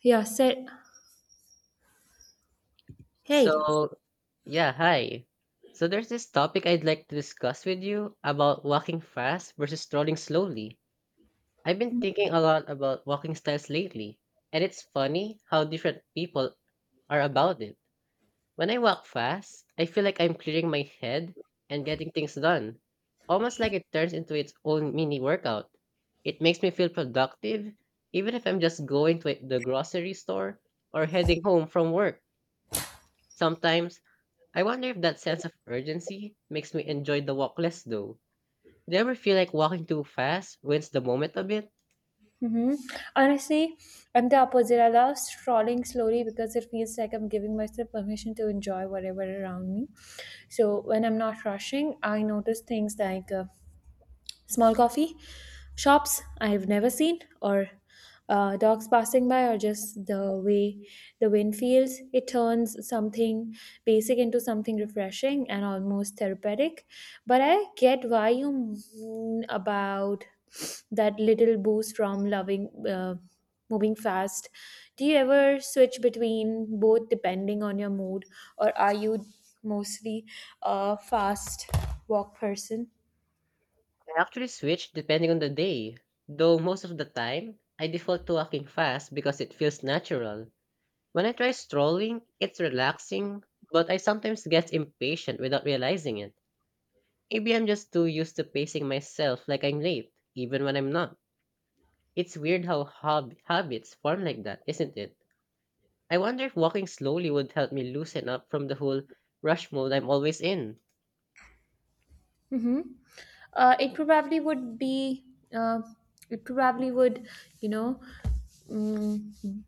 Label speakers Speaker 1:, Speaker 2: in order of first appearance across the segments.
Speaker 1: Yeah, said hey.
Speaker 2: So, yeah, hi. So there's this topic I'd like to discuss with you about walking fast versus strolling slowly. I've been thinking a lot about walking styles lately, and it's funny how different people are about it. When I walk fast, I feel like I'm clearing my head and getting things done, almost like it turns into its own mini workout. It makes me feel productive, even if I'm just going to the grocery store or heading home from work. Sometimes I wonder if that sense of urgency makes me enjoy the walk less though. Do you ever feel like walking too fast wins the moment a bit?
Speaker 1: hmm Honestly, I'm the opposite. I love strolling slowly because it feels like I'm giving myself permission to enjoy whatever around me. So when I'm not rushing, I notice things like small coffee shops I have never seen, or dogs passing by, or just the way the wind feels. It turns something basic into something refreshing and almost therapeutic. But I get why you mean about that little boost from loving moving fast. Do you ever switch between both depending on your mood, or are you mostly a fast walk person?
Speaker 2: I actually switch depending on the day, though most of the time I default to walking fast because it feels natural. When I try strolling, it's relaxing, but I sometimes get impatient without realizing it. Maybe I'm just too used to pacing myself like I'm late, even when I'm not. It's weird how habits form like that, isn't it? I wonder if walking slowly would help me loosen up from the whole rush mode I'm always in.
Speaker 1: Mm-hmm. It probably would be. It probably would, you know, mm,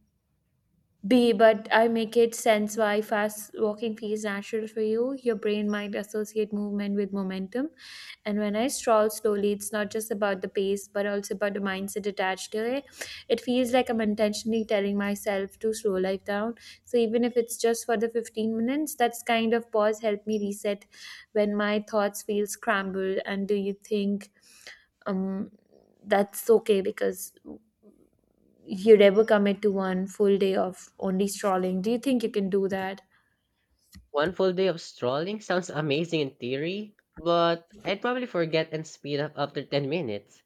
Speaker 1: but I make it sense why fast walking feels natural for you. Your brain might associate movement with momentum. And when I stroll slowly, it's not just about the pace, but also about the mindset attached to it. It feels like I'm intentionally telling myself to slow life down. So even if it's just for the 15 minutes, that's kind of pause helped me reset when my thoughts feel scrambled. And do you think um, that's okay? Because you'd ever commit to one full day of only strolling. Do you think you can do that?
Speaker 2: One full day of strolling sounds amazing in theory, but I'd probably forget and speed up after 10 minutes.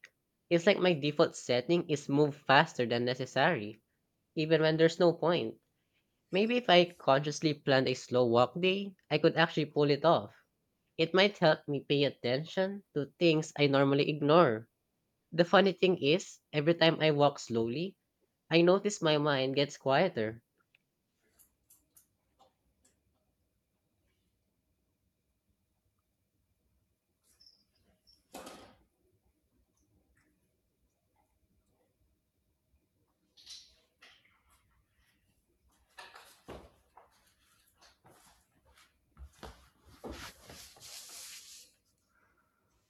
Speaker 2: It's like my default setting is move faster than necessary, even when there's no point. Maybe if I consciously planned a slow walk day, I could actually pull it off. It might help me pay attention to things I normally ignore. The funny thing is, every time I walk slowly, I notice my mind gets quieter.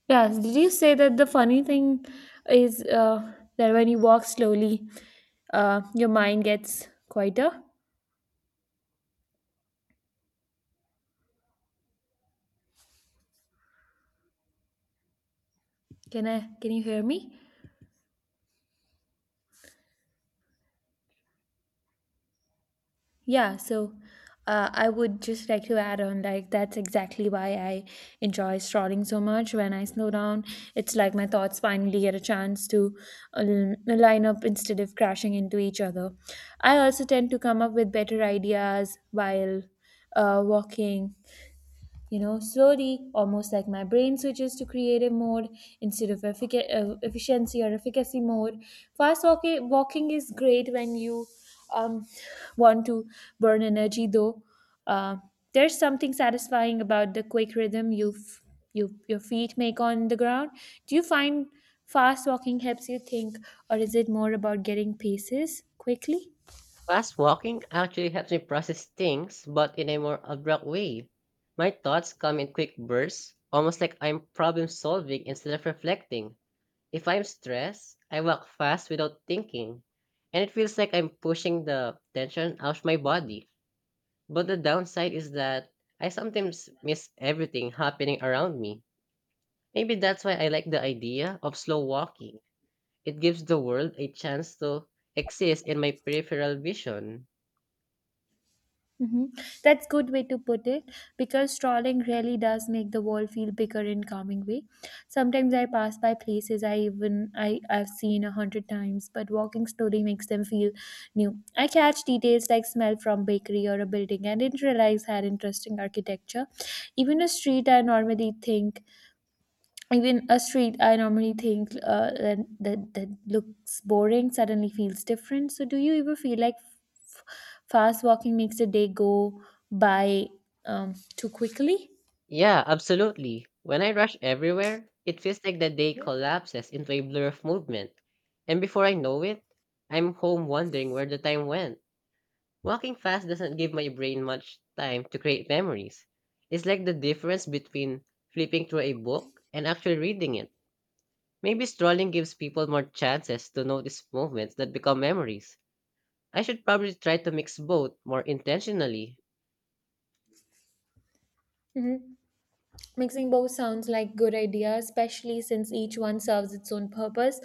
Speaker 1: Yes. Did you say that the funny thing is that when you walk slowly, your mind gets quieter? Can I? Can you hear me? Yeah, so I would just like to add on like that's exactly why I enjoy strolling so much. When I slow down, it's like my thoughts finally get a chance to line up instead of crashing into each other. I also tend to come up with better ideas while walking slowly, almost like my brain switches to creative mode instead of efficiency or efficacy mode. Fast walking is great when you um, want to burn energy, though. Uh, there's something satisfying about the quick rhythm you your feet make on the ground. Do you find fast walking helps you think, or is it more about getting paces quickly?
Speaker 2: Fast walking actually helps me process things, but in a more abrupt way. My thoughts come in quick bursts, almost like I'm problem solving instead of reflecting. If I'm stressed, I walk fast without thinking, and it feels like I'm pushing the tension out of my body. But the downside is that I sometimes miss everything happening around me. Maybe that's why I like the idea of slow walking. It gives the world a chance to exist in my peripheral vision.
Speaker 1: hmm That's good way to put it because strolling really does make the world feel bigger in calming way. Sometimes I pass by places I even I I've seen 100 times, but walking slowly makes them feel new. I catch details like smell from bakery or a building I didn't realize had interesting architecture. Even a street I normally think Even a street I normally think that looks boring suddenly feels different. So do you ever feel like f- fast walking makes the day go by too quickly?
Speaker 2: Yeah, absolutely. When I rush everywhere, it feels like the day collapses into a blur of movement. And before I know it, I'm home wondering where the time went. Walking fast doesn't give my brain much time to create memories. It's like the difference between flipping through a book and actually reading it. Maybe strolling gives people more chances to notice movements that become memories. I should probably try to mix both more intentionally.
Speaker 1: hmm Mixing both sounds like good idea, especially since each one serves its own purpose.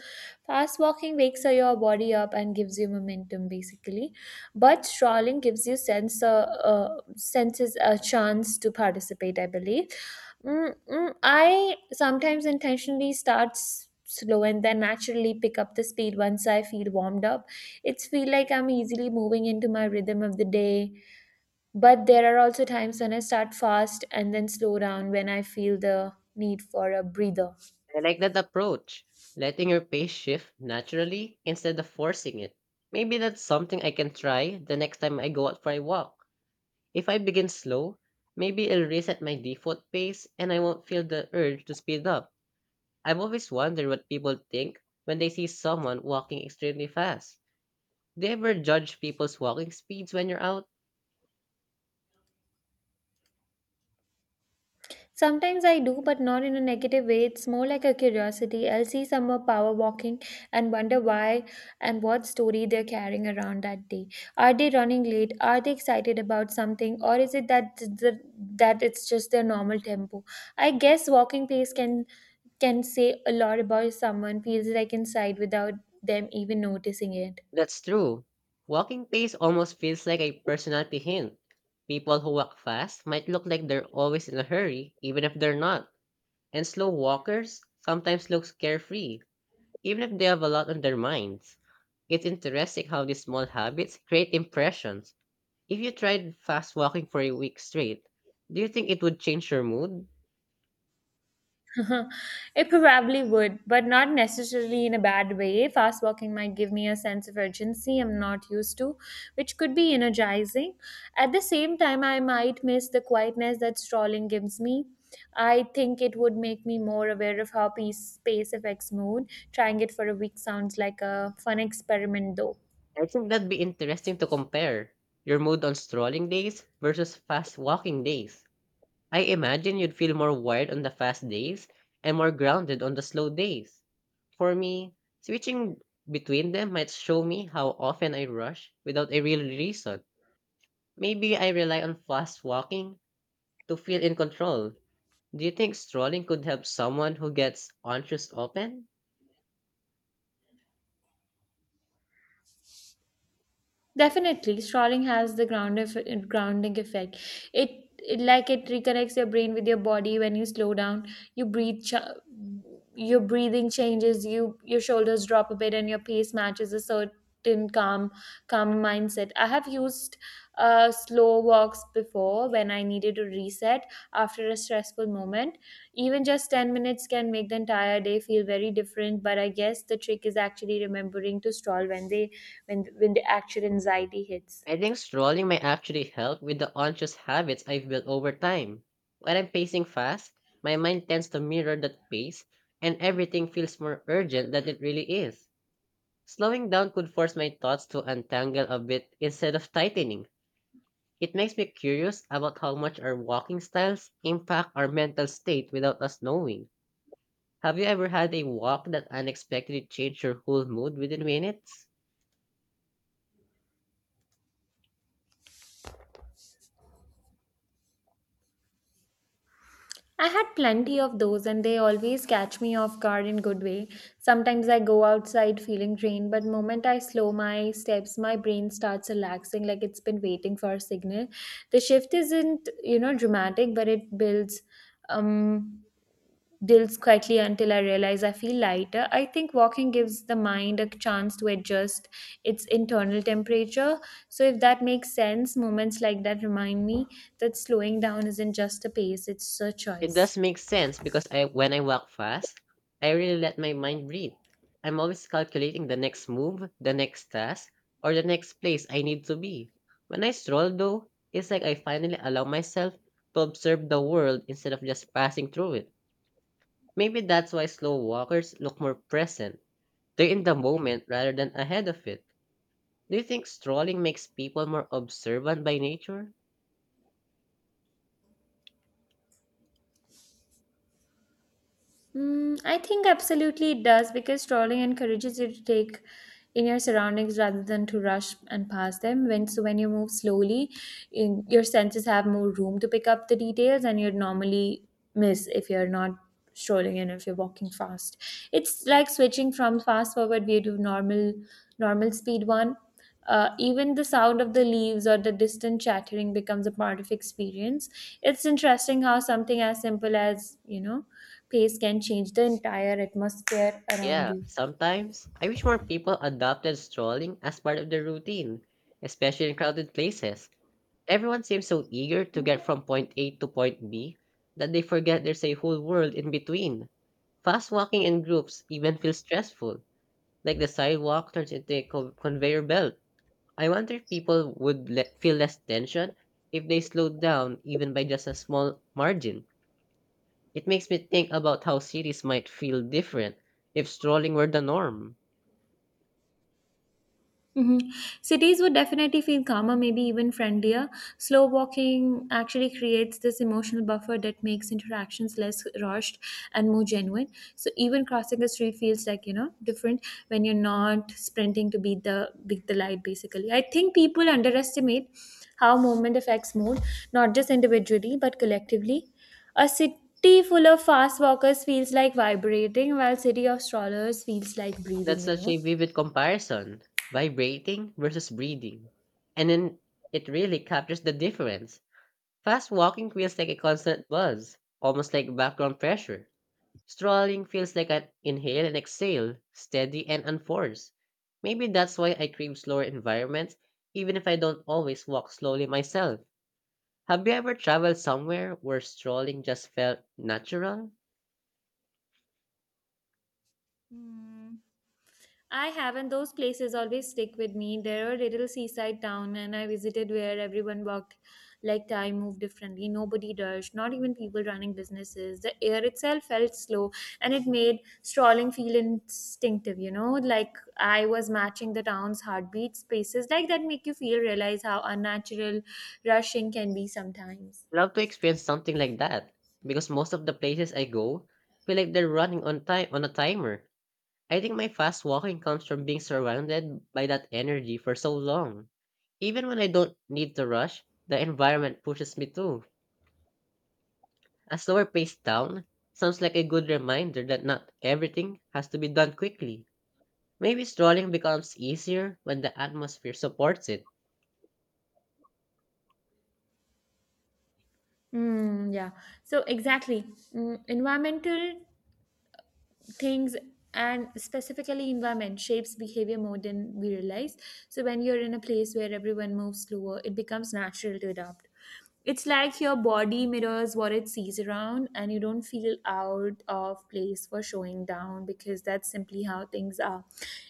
Speaker 1: Fast walking wakes your body up and gives you momentum, basically, but strolling gives you sense senses a chance to participate, I believe. I sometimes intentionally start slow and then naturally pick up the speed once I feel warmed up. It's feel like I'm easily moving into my rhythm of the day. But there are also times when I start fast and then slow down when I feel the need for a breather.
Speaker 2: I like that approach, letting your pace shift naturally instead of forcing it. Maybe that's something I can try the next time I go out for a walk. If I begin slow, maybe it'll reset my default pace and I won't feel the urge to speed up. I've always wondered what people think when they see someone walking extremely fast. Do you ever judge people's walking speeds when you're out?
Speaker 1: Sometimes I do, but not in a negative way. It's more like a curiosity. I'll see someone power walking and wonder why and what story they're carrying around that day. Are they running late? Are they excited about something? Or is it that that it's just their normal tempo? I guess walking pace can say a lot about someone feels like inside without them even noticing it.
Speaker 2: That's true. Walking pace almost feels like a personality hint. People who walk fast might look like they're always in a hurry, even if they're not. And slow walkers sometimes look carefree, even if they have a lot on their minds. It's interesting how these small habits create impressions. If you tried fast walking for a week straight, do you think it would change your mood?
Speaker 1: It probably would, but not necessarily in a bad way. Fast walking might give me a sense of urgency I'm not used to, which could be energizing. At the same time, I might miss the quietness that strolling gives me. I think it would make me more aware of how peace, space affects mood. Trying it for a week sounds like a fun experiment, though.
Speaker 2: I think that'd be interesting to compare your mood on strolling days versus fast walking days. I imagine you'd feel more wired on the fast days and more grounded on the slow days. For me, switching between them might show me how often I rush without a real reason. Maybe I rely on fast walking to feel in control. Do you think strolling could help someone who gets anxious often?
Speaker 1: Definitely, strolling has the grounding effect. It, it like it reconnects your brain with your body when you slow down. You breathe, your breathing changes. Your shoulders drop a bit, and your pace matches a certain calm mindset. I have used slow walks before when I needed to reset after a stressful moment. Even just 10 minutes can make the entire day feel very different. But I guess the trick is actually remembering to stroll when they when the actual anxiety hits?
Speaker 2: I think strolling may actually help with the anxious habits I've built over time. When I'm pacing fast, my mind tends to mirror that pace, and everything feels more urgent than it really is. Slowing down could force my thoughts to untangle a bit instead of tightening. It makes me curious about how much our walking styles impact our mental state without us knowing. Have you ever had a walk that unexpectedly changed your whole mood within minutes?
Speaker 1: I had plenty of those, and they always catch me off guard in good way. Sometimes I go outside feeling drained, but moment I slow my steps, my brain starts relaxing like it's been waiting for a signal. The shift isn't, you know, dramatic, but it builds. Um, Dilts quietly until I realize I feel lighter. I think walking gives the mind a chance to adjust its internal temperature. So, if that makes sense, moments like that remind me that slowing down isn't just a pace, it's a
Speaker 2: It
Speaker 1: choice.
Speaker 2: does make sense because I when I walk fast, I really let my mind breathe. I'm always calculating the next move, the next task, or the next place I need to be. When I stroll though, it's like I finally allow myself to observe the world instead of just passing through it. Maybe that's why slow walkers look more present. They're in the moment rather than ahead of it. Do you think strolling makes people more observant by nature?
Speaker 1: I think absolutely it does because trolling encourages you to take in your surroundings rather than to rush and pass them. When you move slowly, your senses have more room to pick up the details, and you'd normally miss if you're not strolling and if you're walking fast. It's like switching from fast forward view to normal speed one. Even the sound of the leaves or the distant chattering becomes a part of experience. It's interesting how something as simple as, you know, pace can change the entire atmosphere around
Speaker 2: Yeah,
Speaker 1: you.
Speaker 2: sometimes I wish more people adopted strolling as part of their routine, especially in crowded places. Everyone seems so eager to get from point A to point B that they forget there's a whole world in between. Fast walking in groups even feels stressful, like the sidewalk turns into a conveyor belt. I wonder if people would feel less tension if they slowed down even by just a small margin. It makes me think about how cities might feel different if strolling were the norm.
Speaker 1: hmm Cities would definitely feel calmer, maybe even friendlier. Slow walking actually creates this emotional buffer that makes interactions less rushed and more genuine. So even crossing a street feels like you know different when you're not sprinting to beat the light. Basically, I think people underestimate how movement affects mood, not just individually but collectively. A city full of fast walkers feels like vibrating, while city of strollers feels like breathing.
Speaker 2: That's
Speaker 1: You
Speaker 2: such
Speaker 1: know.
Speaker 2: a vivid comparison, vibrating versus breathing. And then it really captures the difference. Fast walking feels like a constant buzz, almost like background pressure. Strolling feels like an inhale and exhale, steady and unforced. Maybe that's why I crave slower environments, even if I don't always walk slowly myself. Have you ever traveled somewhere where strolling just felt natural?
Speaker 1: Mm. I haven't. Those places always stick with me. There are little seaside town, and I visited where everyone walked like time moved differently. Nobody rushed, not even people running businesses. The air itself felt slow, and it made strolling feel instinctive. You know, like I was matching the town's heartbeat. Spaces like that make you feel realize how unnatural rushing can be sometimes.
Speaker 2: Love to experience something like that because most of the places I go feel like they're running on time on a timer. I think my fast walking comes from being surrounded by that energy for so long. Even when I don't need to rush, the environment pushes me to. A slower pace down sounds like a good reminder that not everything has to be done quickly. Maybe strolling becomes easier when the atmosphere supports it.
Speaker 1: Mm, yeah. So exactly, environmental things, and specifically environment shapes behavior more than we realize. So when you're in a place where everyone moves slower, it becomes natural to adapt. It's like your body mirrors what it sees around, and you don't feel out of place for showing down because that's simply how things are.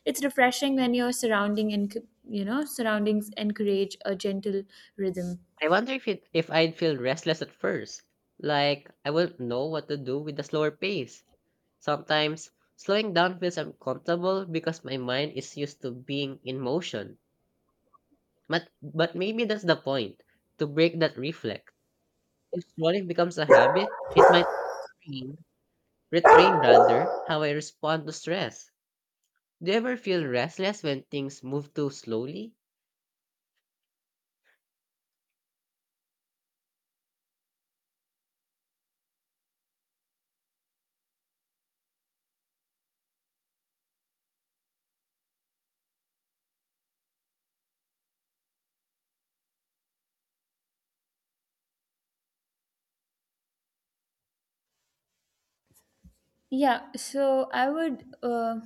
Speaker 1: It's refreshing when your surrounding and you know surroundings encourage a gentle rhythm.
Speaker 2: I wonder if I'd feel restless at first. Like I wouldn't know what to do with the slower pace. Sometimes slowing down feels uncomfortable because my mind is used to being in motion. But maybe that's the point, to break that reflex. If scrolling becomes a habit, it might train, retrain rather, how I respond to stress. Do you ever feel restless when things move too slowly?
Speaker 1: Yeah, so I would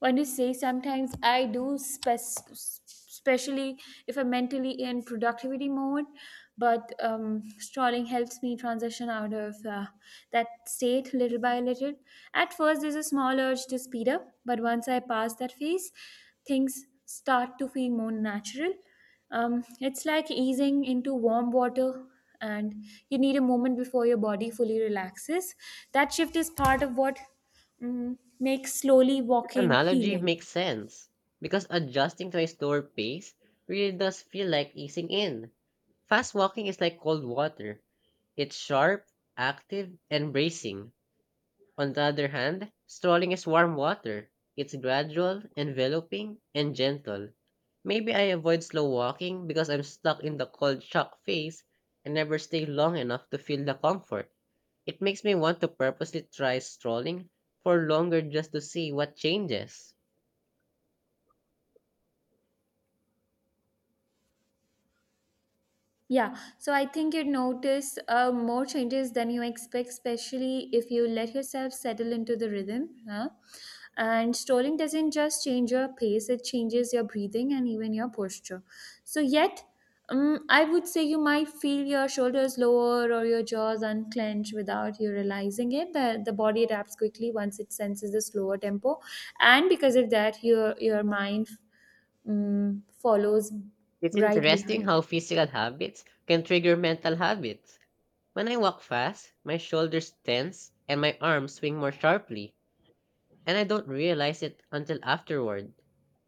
Speaker 1: want to say sometimes I do, especially if I'm mentally in productivity mode, but strolling helps me transition out of that state little by little. At first, there's a small urge to speed up, but once I pass that phase, things start to feel more natural. It's like easing into warm water, and you need a moment before your body fully relaxes. That shift is part of what makes slowly walking
Speaker 2: Analogy
Speaker 1: healing.
Speaker 2: makes sense because adjusting to a slower pace really does feel like easing in. Fast walking is like cold water. It's sharp, active, and bracing. On the other hand, strolling is warm water. It's gradual, enveloping, and gentle. Maybe I avoid slow walking because I'm stuck in the cold shock phase and never stay long enough to feel the comfort. It makes me want to purposely try strolling for longer just to see what changes.
Speaker 1: Yeah, so I think you'd notice more changes than you expect, especially if you let yourself settle into the rhythm. Huh? And strolling doesn't just change your pace, it changes your breathing and even your posture. So, yet, I would say you might feel your shoulders lower or your jaws unclench without you realizing it. The body adapts quickly once it senses the slower tempo. And because of that, your mind follows
Speaker 2: It's
Speaker 1: right
Speaker 2: interesting
Speaker 1: behind.
Speaker 2: how physical habits can trigger mental habits. When I walk fast, my shoulders tense and my arms swing more sharply, and I don't realize it until afterward.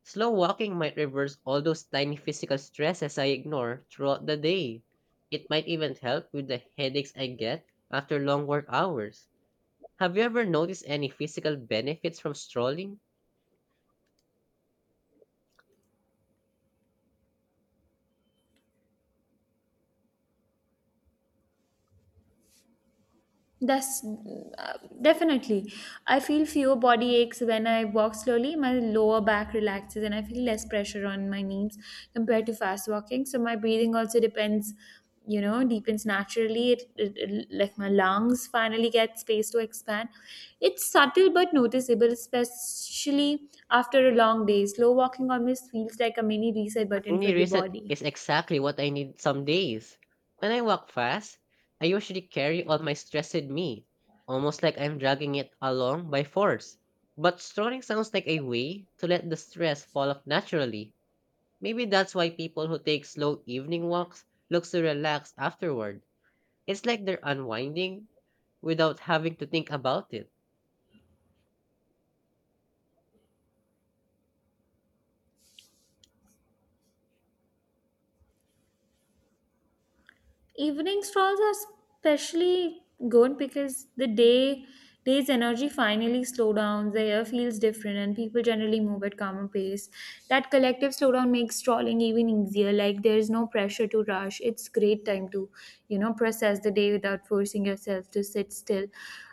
Speaker 2: Slow walking might reverse all those tiny physical stresses I ignore throughout the day. It might even help with the headaches I get after long work hours. Have you ever noticed any physical benefits from strolling?
Speaker 1: That's definitely. I feel fewer body aches when I walk slowly. My lower back relaxes and I feel less pressure on my knees compared to fast walking. So my breathing also depends, you know, deepens naturally. It like my lungs finally get space to expand. It's subtle but noticeable, especially after a long day. Slow walking almost feels like a mini reset button for
Speaker 2: Any
Speaker 1: the
Speaker 2: reset
Speaker 1: body.
Speaker 2: is exactly what I need some days. When I walk fast, I usually carry all my stress with me, almost like I'm dragging it along by force. But strolling sounds like a way to let the stress fall off naturally. Maybe that's why people who take slow evening walks look so relaxed afterward. It's like they're unwinding without having to think about it.
Speaker 1: Evening strolls are especially good because the day's energy finally slow down, the air feels different and people generally move at calmer pace. That collective slowdown makes strolling even easier, like there is no pressure to rush. It's great time to, you know, process the day without forcing yourself to sit still.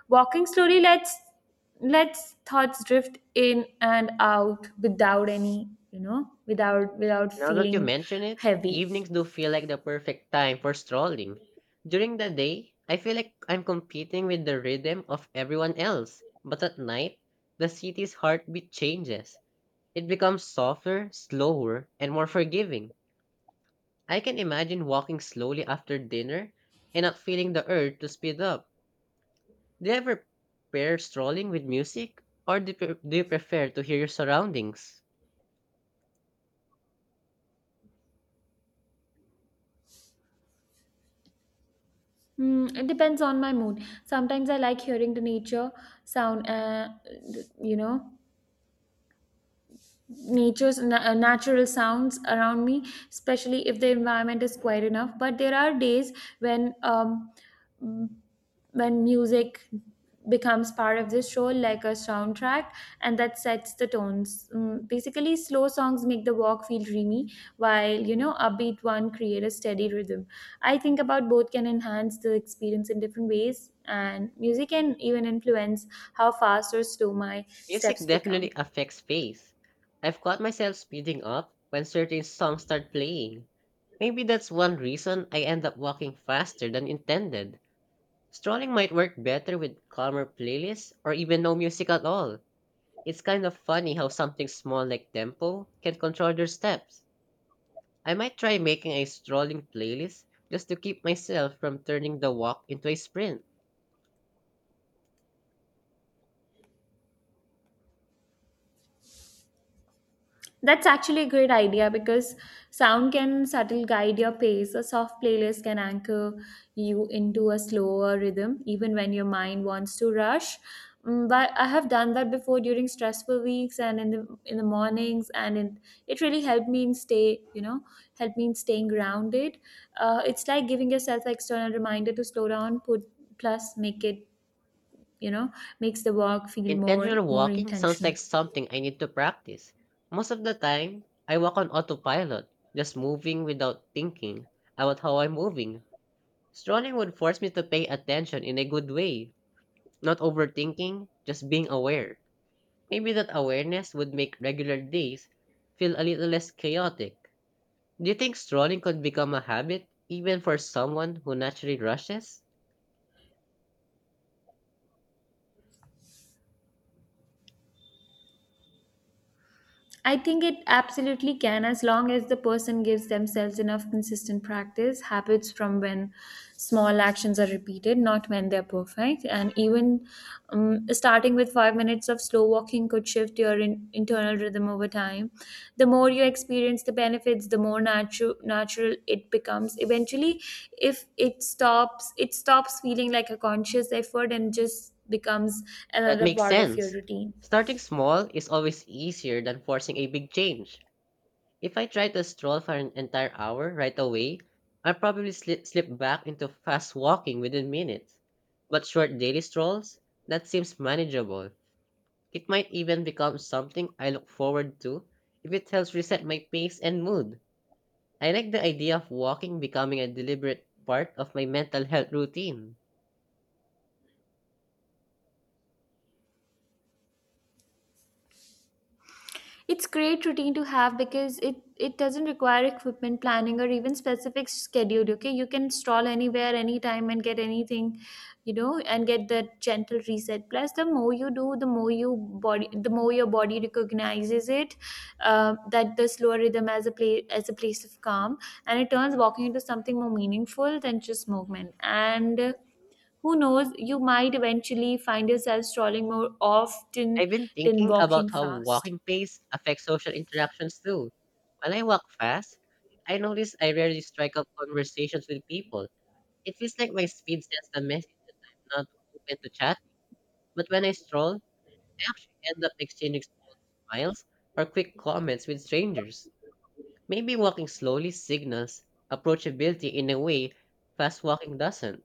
Speaker 1: Walking slowly lets thoughts drift in and out without any, you know, without
Speaker 2: Now that you
Speaker 1: feeling
Speaker 2: mention it,
Speaker 1: heavy.
Speaker 2: evenings do feel like the perfect time for strolling. During the day, I feel like I'm competing with the rhythm of everyone else. But at night, the city's heartbeat changes. It becomes softer, slower, and more forgiving. I can imagine walking slowly after dinner and not feeling the urge to speed up. Do you ever pair strolling with music, or do you do you prefer to hear your surroundings?
Speaker 1: Mm, it depends on my mood. Sometimes I like hearing the nature sound, you know, natural sounds around me, especially if the environment is quiet enough. But there are days when mm, when music becomes part of the show like a soundtrack, and that sets the tones. Basically, slow songs make the walk feel dreamy, while you know upbeat one create a steady rhythm. I think about both can enhance the experience in different ways, and music can even influence how fast or slow my
Speaker 2: Music
Speaker 1: steps become.
Speaker 2: definitely affects pace. I've caught myself speeding up when certain songs start playing. Maybe that's one reason I end up walking faster than intended. Strolling might work better with calmer playlists or even no music at all. It's kind of funny how something small like tempo can control your steps. I might try making a strolling playlist just to keep myself from turning the walk into a sprint.
Speaker 1: That's actually a great idea because sound can subtle guide your pace. A soft playlist can anchor you into a slower rhythm, even when your mind wants to rush. But I have done that before during stressful weeks and in the mornings, and it really helped me in stay, you know, helped me in staying grounded. It's like giving yourself an external reminder to slow down, put plus make it, you know, makes the walk feel more
Speaker 2: Intentional
Speaker 1: more
Speaker 2: walking sounds like
Speaker 1: intentional.
Speaker 2: something I need to practice. Most of the time, I walk on autopilot, just moving without thinking about how I'm moving. Strolling would force me to pay attention in a good way, not overthinking, just being aware. Maybe that awareness would make regular days feel a little less chaotic. Do you think strolling could become a habit, even for someone who naturally rushes?
Speaker 1: I think it absolutely can, as long as the person gives themselves enough consistent practice, habits from when small actions are repeated, not when they're perfect. And even starting with 5 minutes of slow walking could shift your internal rhythm over time. The more you experience the benefits, the more natural it becomes. Eventually, if it stops, it stops feeling like a conscious effort and just becomes
Speaker 2: That
Speaker 1: another
Speaker 2: makes
Speaker 1: part of your
Speaker 2: sense.
Speaker 1: routine.
Speaker 2: Starting small is always easier than forcing a big change. If I try to stroll for an entire hour right away, I'll probably slip back into fast walking within minutes. But short daily strolls, that seems manageable. It might even become something I look forward to if it helps reset my pace and mood. I like the idea of walking becoming a deliberate part of my mental health routine.
Speaker 1: It's great routine to have because it doesn't require equipment planning or even specific schedule. Okay, you can stroll anywhere, anytime, and get anything, you know, and get that gentle reset. Plus, the more you do, the more you body, the more your body recognizes it, that the slower rhythm as a place of calm, and it turns walking into something more meaningful than just movement. And who knows, you might eventually find yourself strolling more often
Speaker 2: I've been
Speaker 1: than
Speaker 2: thinking about
Speaker 1: walking
Speaker 2: how
Speaker 1: fast.
Speaker 2: walking pace affects social interactions too. When I walk fast, I notice I rarely strike up conversations with people. It feels like my speed sends a message that I'm not open to chat, but when I stroll, I actually end up exchanging small smiles or quick comments with strangers. Maybe walking slowly signals approachability in a way fast walking doesn't.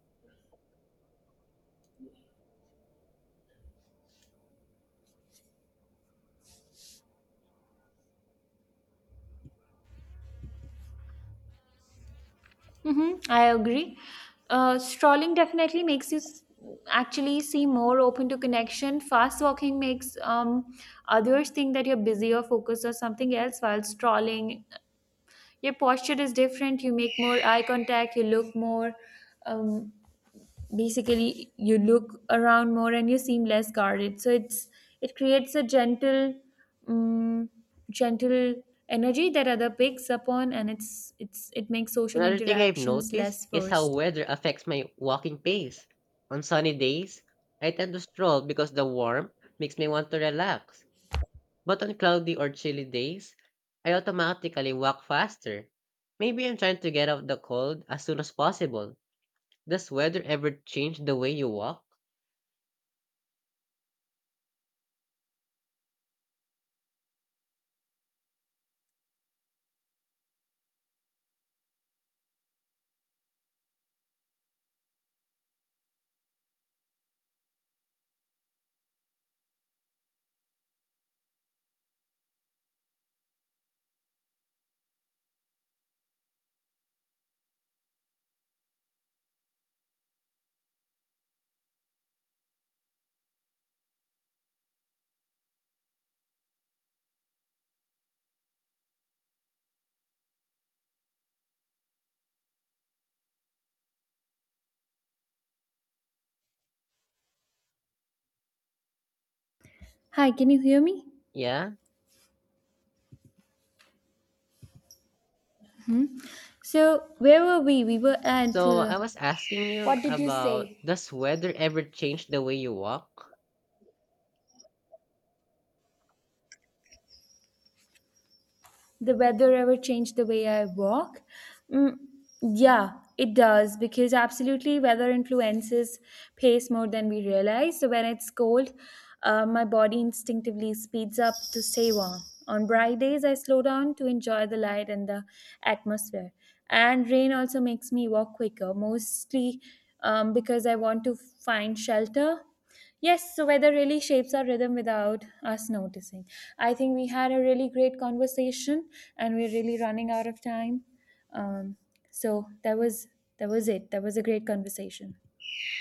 Speaker 1: Mm-hmm, I agree. Strolling definitely makes you actually seem more open to connection. Fast walking makes others think that you're busy or focused or something else, while strolling, your posture is different, you make more eye contact, you look more. Um, Basically, you look around more and you seem less guarded, so it creates a gentle um, gentle energy that other picks up on, and it's it makes social
Speaker 2: Another thing I've
Speaker 1: interactions
Speaker 2: noticed
Speaker 1: less
Speaker 2: is how
Speaker 1: forced.
Speaker 2: weather affects my walking pace. On sunny days, I tend to stroll because the warmth makes me want to relax. But on cloudy or chilly days, I automatically walk faster. Maybe I'm trying to get out the cold as soon as possible. Does weather ever change the way you walk?
Speaker 1: Hi, can you hear me?
Speaker 2: Yeah.
Speaker 1: So where were we? We were at
Speaker 2: So I was asking you
Speaker 1: what did you say?
Speaker 2: about, does weather ever change the way you walk?
Speaker 1: The weather ever change the way I walk? Mm, yeah, it does because absolutely weather influences pace more than we realize. So when it's cold, my body instinctively speeds up to stay warm. On bright days, I slow down to enjoy the light and the atmosphere. And rain also makes me walk quicker, mostly because I want to find shelter. Yes, so weather really shapes our rhythm without us noticing. I think we had a really great conversation, and we're really running out of time. Um, so that was it. That was a great conversation.